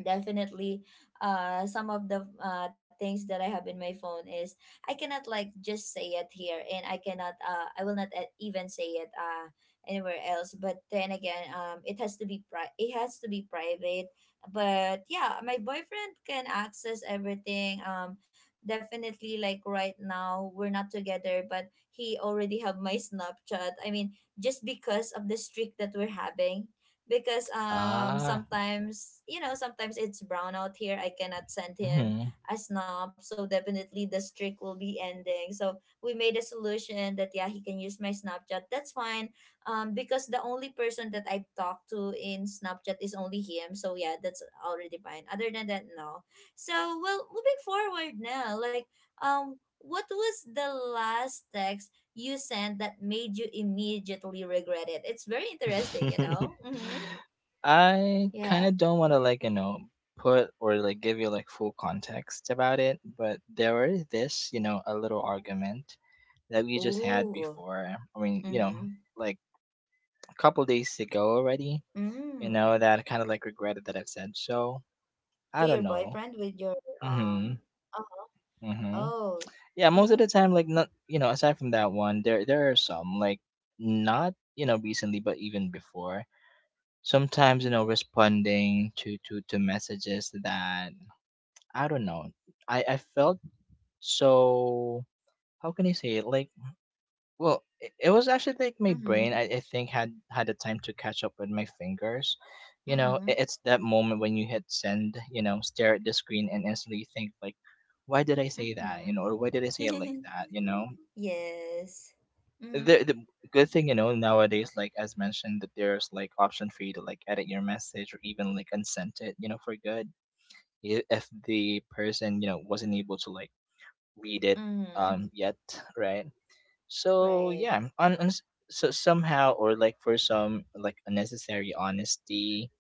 Speaker 1: definitely some of the things that I have in my phone is, I cannot like just say it here, and I cannot I will not even say it anywhere else. But then again, it has to be it has to be private. But yeah, my boyfriend can access everything. Definitely, like right now we're not together, but he already have my Snapchat, I mean, just because of the streak that we're having. Because
Speaker 2: Ah.
Speaker 1: sometimes, you know, sometimes it's brown out here, I cannot send him
Speaker 2: Mm-hmm.
Speaker 1: a snob. So definitely the streak will be ending. So we made a solution that, yeah, he can use my Snapchat, that's fine. Because the only person that I've talked to in Snapchat is only him, so yeah, that's already fine. Other than that, no. So, well, moving forward now, like, um what was the last text you sent that made you immediately regret it? It's very interesting, you know. Mm-hmm.
Speaker 2: I kind
Speaker 1: Yeah.
Speaker 2: of don't want to like, you know, put or like give you like full context about it, but there were this, you know, a little argument that we just had
Speaker 1: Ooh.
Speaker 2: before. I mean, you know,
Speaker 1: Mm-hmm.
Speaker 2: like a couple days ago already. You know,
Speaker 1: Mm.
Speaker 2: that I kind of like regretted that I've said. So I
Speaker 1: To
Speaker 2: don't
Speaker 1: your
Speaker 2: know.
Speaker 1: boyfriend with your
Speaker 2: Mhm.
Speaker 1: um uh,
Speaker 2: Mhm.
Speaker 1: oh.
Speaker 2: Yeah, most of the
Speaker 1: Mm-hmm.
Speaker 2: time, like not, you know, aside from that one, there are some like not, you know, recently, but even before. Sometimes you know, responding to messages that I don't know. I felt so. How can I say it? Like well, it was actually like my brain.
Speaker 1: Mm-hmm.
Speaker 2: I think had the time to catch up with my fingers. You know, it,
Speaker 1: Mm-hmm.
Speaker 2: it's that moment when you hit send. You know, stare at the screen and instantly think like, why did I say that?
Speaker 1: Mm-hmm.
Speaker 2: You know, or why did I say it like that? You know,
Speaker 1: Yes. Mm-hmm.
Speaker 2: the good thing you know nowadays, like as mentioned, that there's like option for you to like edit your message or even like unsent it. You know, for good if the person you know wasn't able to like read it
Speaker 1: Mm-hmm.
Speaker 2: yet, right? So
Speaker 1: Right.
Speaker 2: yeah, on so somehow or like for some like unnecessary honesty,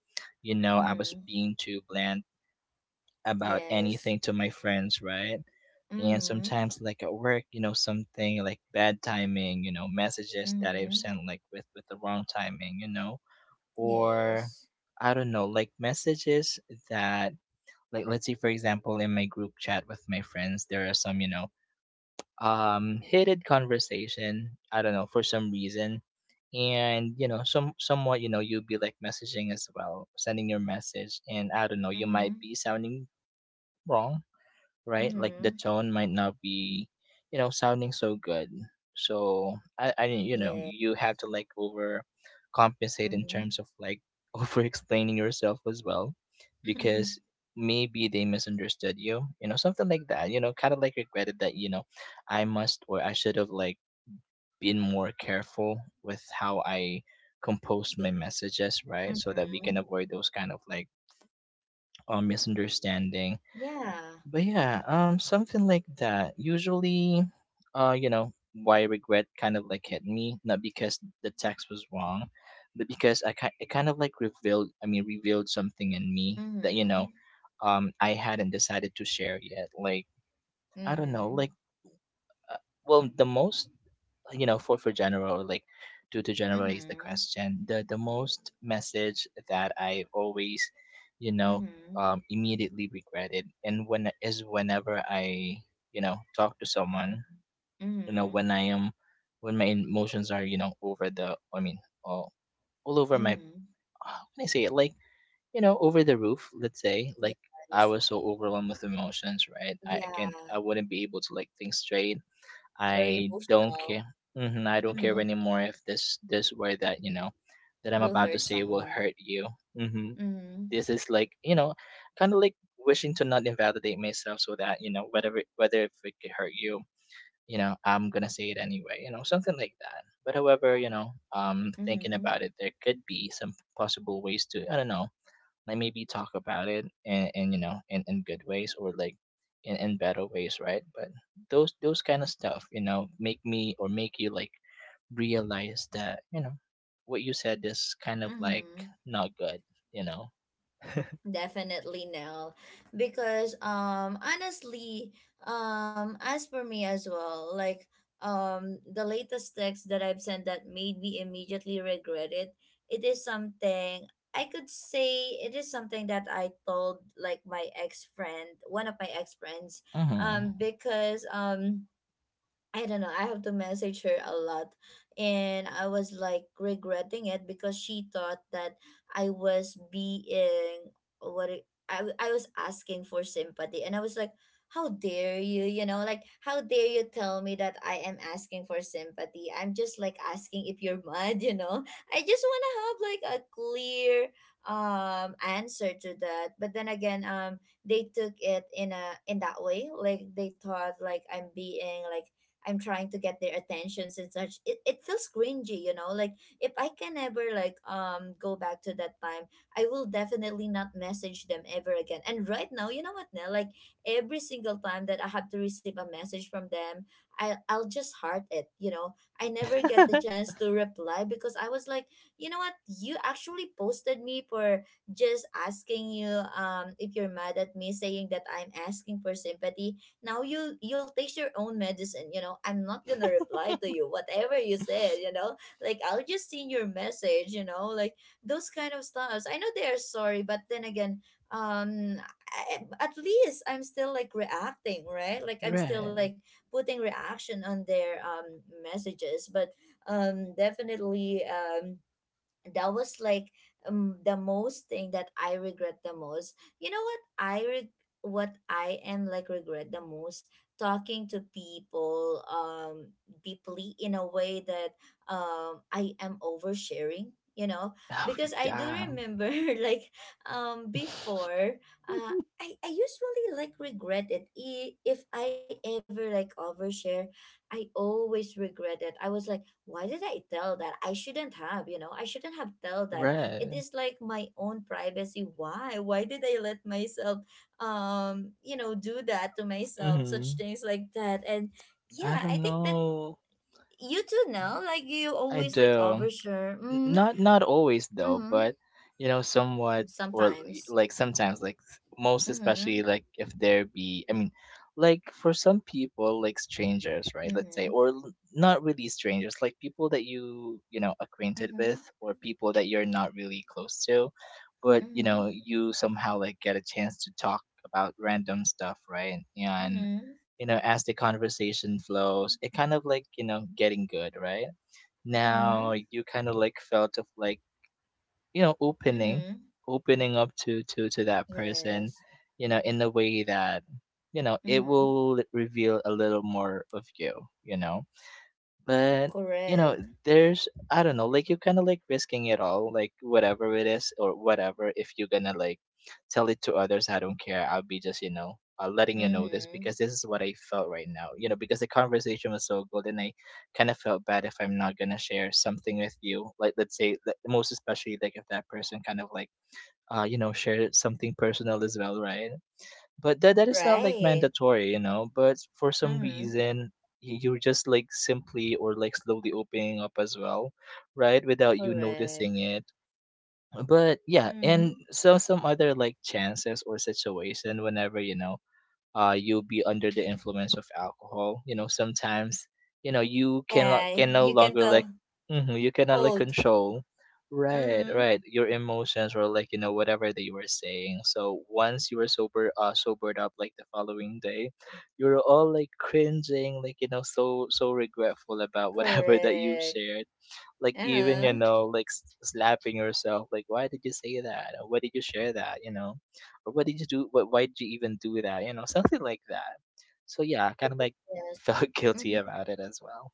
Speaker 2: you know, I was
Speaker 1: Mm-hmm.
Speaker 2: being too bland about
Speaker 1: Yes.
Speaker 2: anything to my friends, right? And
Speaker 1: Mm-hmm.
Speaker 2: sometimes like at work, you know, something like bad timing, you know, messages that I've
Speaker 1: Mm-hmm.
Speaker 2: sent like with the wrong timing, you know, or
Speaker 1: Yes.
Speaker 2: I don't know, like messages that like let's say for example in my group chat with my friends, there are some, you know, heated conversation I don't know for some reason and you know somewhat you know you'll be like messaging as well sending your message and I don't know you
Speaker 1: Mm-hmm.
Speaker 2: might be sounding wrong, right? Like the
Speaker 1: Mm-hmm.
Speaker 2: tone might not be, you know, sounding so good. So
Speaker 1: Yeah.
Speaker 2: you have to like over compensate in
Speaker 1: Mm-hmm.
Speaker 2: terms of like over explaining yourself as well, because maybe they misunderstood you, you know, something like that. Kind of like regretted that I must or I should have like been more careful with how I compose
Speaker 1: Yeah.
Speaker 2: my messages, right? So that we can
Speaker 1: Mm-hmm.
Speaker 2: avoid those kind of like misunderstanding,
Speaker 1: Yeah.
Speaker 2: but yeah, something like that. Usually, uh, you know, why regret kind of like hit me, not because the text was wrong, but because it kind of like revealed, I mean, revealed something in me that
Speaker 1: Mm-hmm.
Speaker 2: I hadn't decided to share yet. Like I don't know,
Speaker 1: Mm-hmm.
Speaker 2: like uh, well, the most for general, like to generalize the
Speaker 1: Mm-hmm.
Speaker 2: question, the most message that I always you know
Speaker 1: Mm-hmm.
Speaker 2: immediately regretted, and when is whenever I talk to someone,
Speaker 1: Mm-hmm.
Speaker 2: when I am when my emotions are over the I mean, all, all over my,
Speaker 1: Mm.
Speaker 2: how can I say it, like, over the roof, let's say, like I
Speaker 1: Yes.
Speaker 2: was so overwhelmed with emotions, right? i, I can
Speaker 1: Yeah.
Speaker 2: i wouldn't be able to like think straight.
Speaker 1: Very
Speaker 2: I don't
Speaker 1: emotional.
Speaker 2: care. Hmm. I don't care
Speaker 1: Mm.
Speaker 2: anymore if this word that you know that I'm
Speaker 1: Will
Speaker 2: about to
Speaker 1: hurt
Speaker 2: say will
Speaker 1: someone.
Speaker 2: hurt you. Hmm.
Speaker 1: Mm.
Speaker 2: This is like, kind of like wishing to not invalidate myself, so that whatever, whether if it could hurt you, I'm gonna say it anyway. Something like that. But however, thinking
Speaker 1: Mm.
Speaker 2: about it, there could be some possible ways to, I don't know, like maybe talk about it, and in good ways, or like in better ways, right? But those kind of stuff, make me, or make you like realize that what you said is kind of like
Speaker 1: Mm.
Speaker 2: not good you know
Speaker 1: Definitely no. Because honestly, as for me as well, like, the latest text that I've sent that made me immediately regret it, it is something, I could say it is something that I told like my ex friend, one of my ex friends,
Speaker 2: mm-hmm.
Speaker 1: because I don't know. I have to message her a lot. And I was like regretting it because she thought that I was being, what I was asking for sympathy. And I was like, how dare you? You know, like, how dare you tell me that I am asking for sympathy? I'm just like asking if you're mad, you know? I just want to have like a clear answer to that. But then again, they took it in a, in that way, like they thought like I'm being like, I'm trying to get their attentions and such. It feels cringy, you know. Like if I can ever like go back to that time, I will definitely not message them ever again. And right now, you know what, Nell? Like every single time that I have to receive a message from them, I'll just heart it, you know. I never get the chance to reply, because I was like, you know what, you actually posted me for just asking you if you're mad at me, saying that I'm asking for sympathy. Now you'll taste your own medicine, you know. I'm not gonna reply to you whatever you said, you know, like, I'll just see your message, you know, like those kind of stuffs. I know they are sorry, but then again, um I, at least I'm still like reacting, right, like I'm still like
Speaker 2: Right.
Speaker 1: putting reaction on their messages. But definitely, that was like, the most thing that I regret the most. You know what I reg- what I am like regret the most, talking to people deeply in a way that I am oversharing. You know,
Speaker 2: Oh,
Speaker 1: because I do
Speaker 2: yeah.
Speaker 1: remember like before uh. I usually like regret it, if I ever like overshare, I always regret it. I was like, why did I tell that? I shouldn't have, you know, I shouldn't have tell that. It
Speaker 2: Right.
Speaker 1: is like my own privacy. Why? Why did I let myself you know, do that to myself, such
Speaker 2: Mm-hmm.
Speaker 1: things like that. And
Speaker 2: I
Speaker 1: yeah, I
Speaker 2: don't
Speaker 1: think that
Speaker 2: know.
Speaker 1: you too know, like you
Speaker 2: I
Speaker 1: always like
Speaker 2: do.
Speaker 1: overshare.
Speaker 2: N-
Speaker 1: Mm-hmm.
Speaker 2: not not always, though,
Speaker 1: Mm-hmm.
Speaker 2: but somewhat, or
Speaker 1: Sometimes.
Speaker 2: like sometimes, like most
Speaker 1: Mm-hmm.
Speaker 2: especially like if there be, I mean, like for some people, like strangers, right?
Speaker 1: Mm-hmm.
Speaker 2: Let's say, or not really strangers, like people that you know acquainted
Speaker 1: Mm-hmm.
Speaker 2: with, or people that you're not really close to, but
Speaker 1: Mm-hmm.
Speaker 2: you somehow like get a chance to talk about random stuff, right? And
Speaker 1: Mm-hmm.
Speaker 2: as the conversation flows, it kind of like getting good, right? Now
Speaker 1: Mm-hmm.
Speaker 2: like, you kind of like felt of like you know opening
Speaker 1: Mm-hmm.
Speaker 2: opening up to that person,
Speaker 1: Yes.
Speaker 2: in a way that it
Speaker 1: Mm-hmm.
Speaker 2: will reveal a little more of you you know But you know,
Speaker 1: Correct.
Speaker 2: there's, I don't know, like you're kind of like risking it all, like whatever it is or whatever. If you're gonna like tell it to others, I don't care. I'll be just letting you know this because
Speaker 1: Mm-hmm.
Speaker 2: this is what I felt right now. Because the conversation was so good, and I kind of felt bad if I'm not gonna share something with you. Like let's say, like most especially like if that person kind of like share something personal as well, right? But that is not like
Speaker 1: Right.
Speaker 2: mandatory. But for some
Speaker 1: Mm-hmm.
Speaker 2: reason, you're just like simply or like slowly opening up as well, right? Without you noticing
Speaker 1: Correct.
Speaker 2: it. But yeah,
Speaker 1: Mm-hmm.
Speaker 2: and so some other like chances or situation whenever you'll be under the influence of alcohol. Sometimes you
Speaker 1: Yeah,
Speaker 2: can no
Speaker 1: you can
Speaker 2: longer like
Speaker 1: tell,
Speaker 2: you cannot like
Speaker 1: hold.
Speaker 2: control. Right,
Speaker 1: Mm-hmm.
Speaker 2: right. Your emotions, or like whatever that you were saying. So once you were sobered up, like the following day, you're all like cringing, like so regretful about whatever that you
Speaker 1: Correct.
Speaker 2: shared. Like even
Speaker 1: Uh-huh.
Speaker 2: like slapping yourself, like why did you say that, or why did you share that, or what did you do, what why did you even do that, something like that. So yeah, kind of
Speaker 1: Yes.
Speaker 2: like felt guilty
Speaker 1: Mm-hmm.
Speaker 2: about it as well.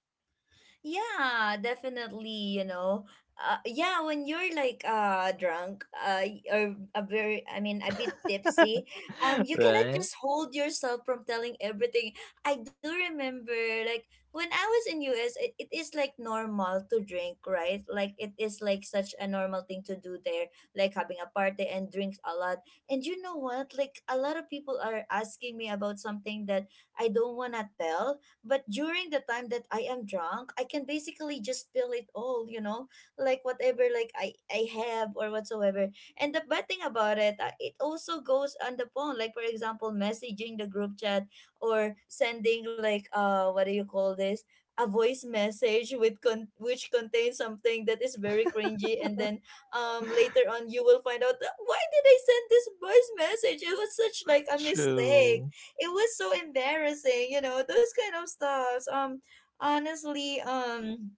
Speaker 1: Yeah, definitely, you know. Yeah, when you're like drunk, or a very, I mean a bit tipsy, you cannot
Speaker 2: Right.
Speaker 1: just hold yourself from telling everything. I do remember like when I was in US, it is like normal to drink, right? Like it is like such a normal thing to do there, like having a party and drinks a lot. And you know what? Like a lot of people are asking me about something that I don't want to tell, but during the time that I am drunk, I can basically just spill it all, you know, like whatever like I have or whatsoever. And the bad thing about it, it also goes on the phone. Like for example, messaging the group chat or sending like, uh, what do you call this? A voice message with which contains something that is very cringy. And then later on you will find out, why did I send this voice message? It was such like a
Speaker 2: True.
Speaker 1: mistake, it was so embarrassing," you know, those kind of stuffs. Honestly,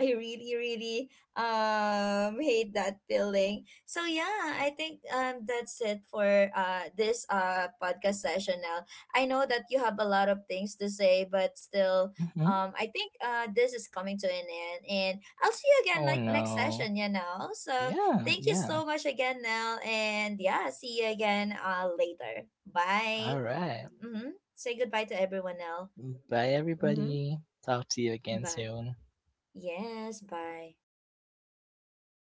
Speaker 1: I really really hate that feeling. So yeah, I think that's it for this podcast session now. I know that you have a lot of things to say but still,
Speaker 2: Hmm.
Speaker 1: I think this is coming to an end and I'll see you again
Speaker 2: Oh,
Speaker 1: like next
Speaker 2: no.
Speaker 1: session, you know. So
Speaker 2: Yeah,
Speaker 1: thank you
Speaker 2: yeah.
Speaker 1: so much again, Nell, and yeah, see you again later. Bye.
Speaker 2: All right.
Speaker 1: Mm-hmm. Say goodbye to everyone now.
Speaker 2: Bye,
Speaker 1: Mm-hmm.
Speaker 2: everybody. Talk to you
Speaker 1: Bye.
Speaker 2: again soon.
Speaker 1: Yes, bye.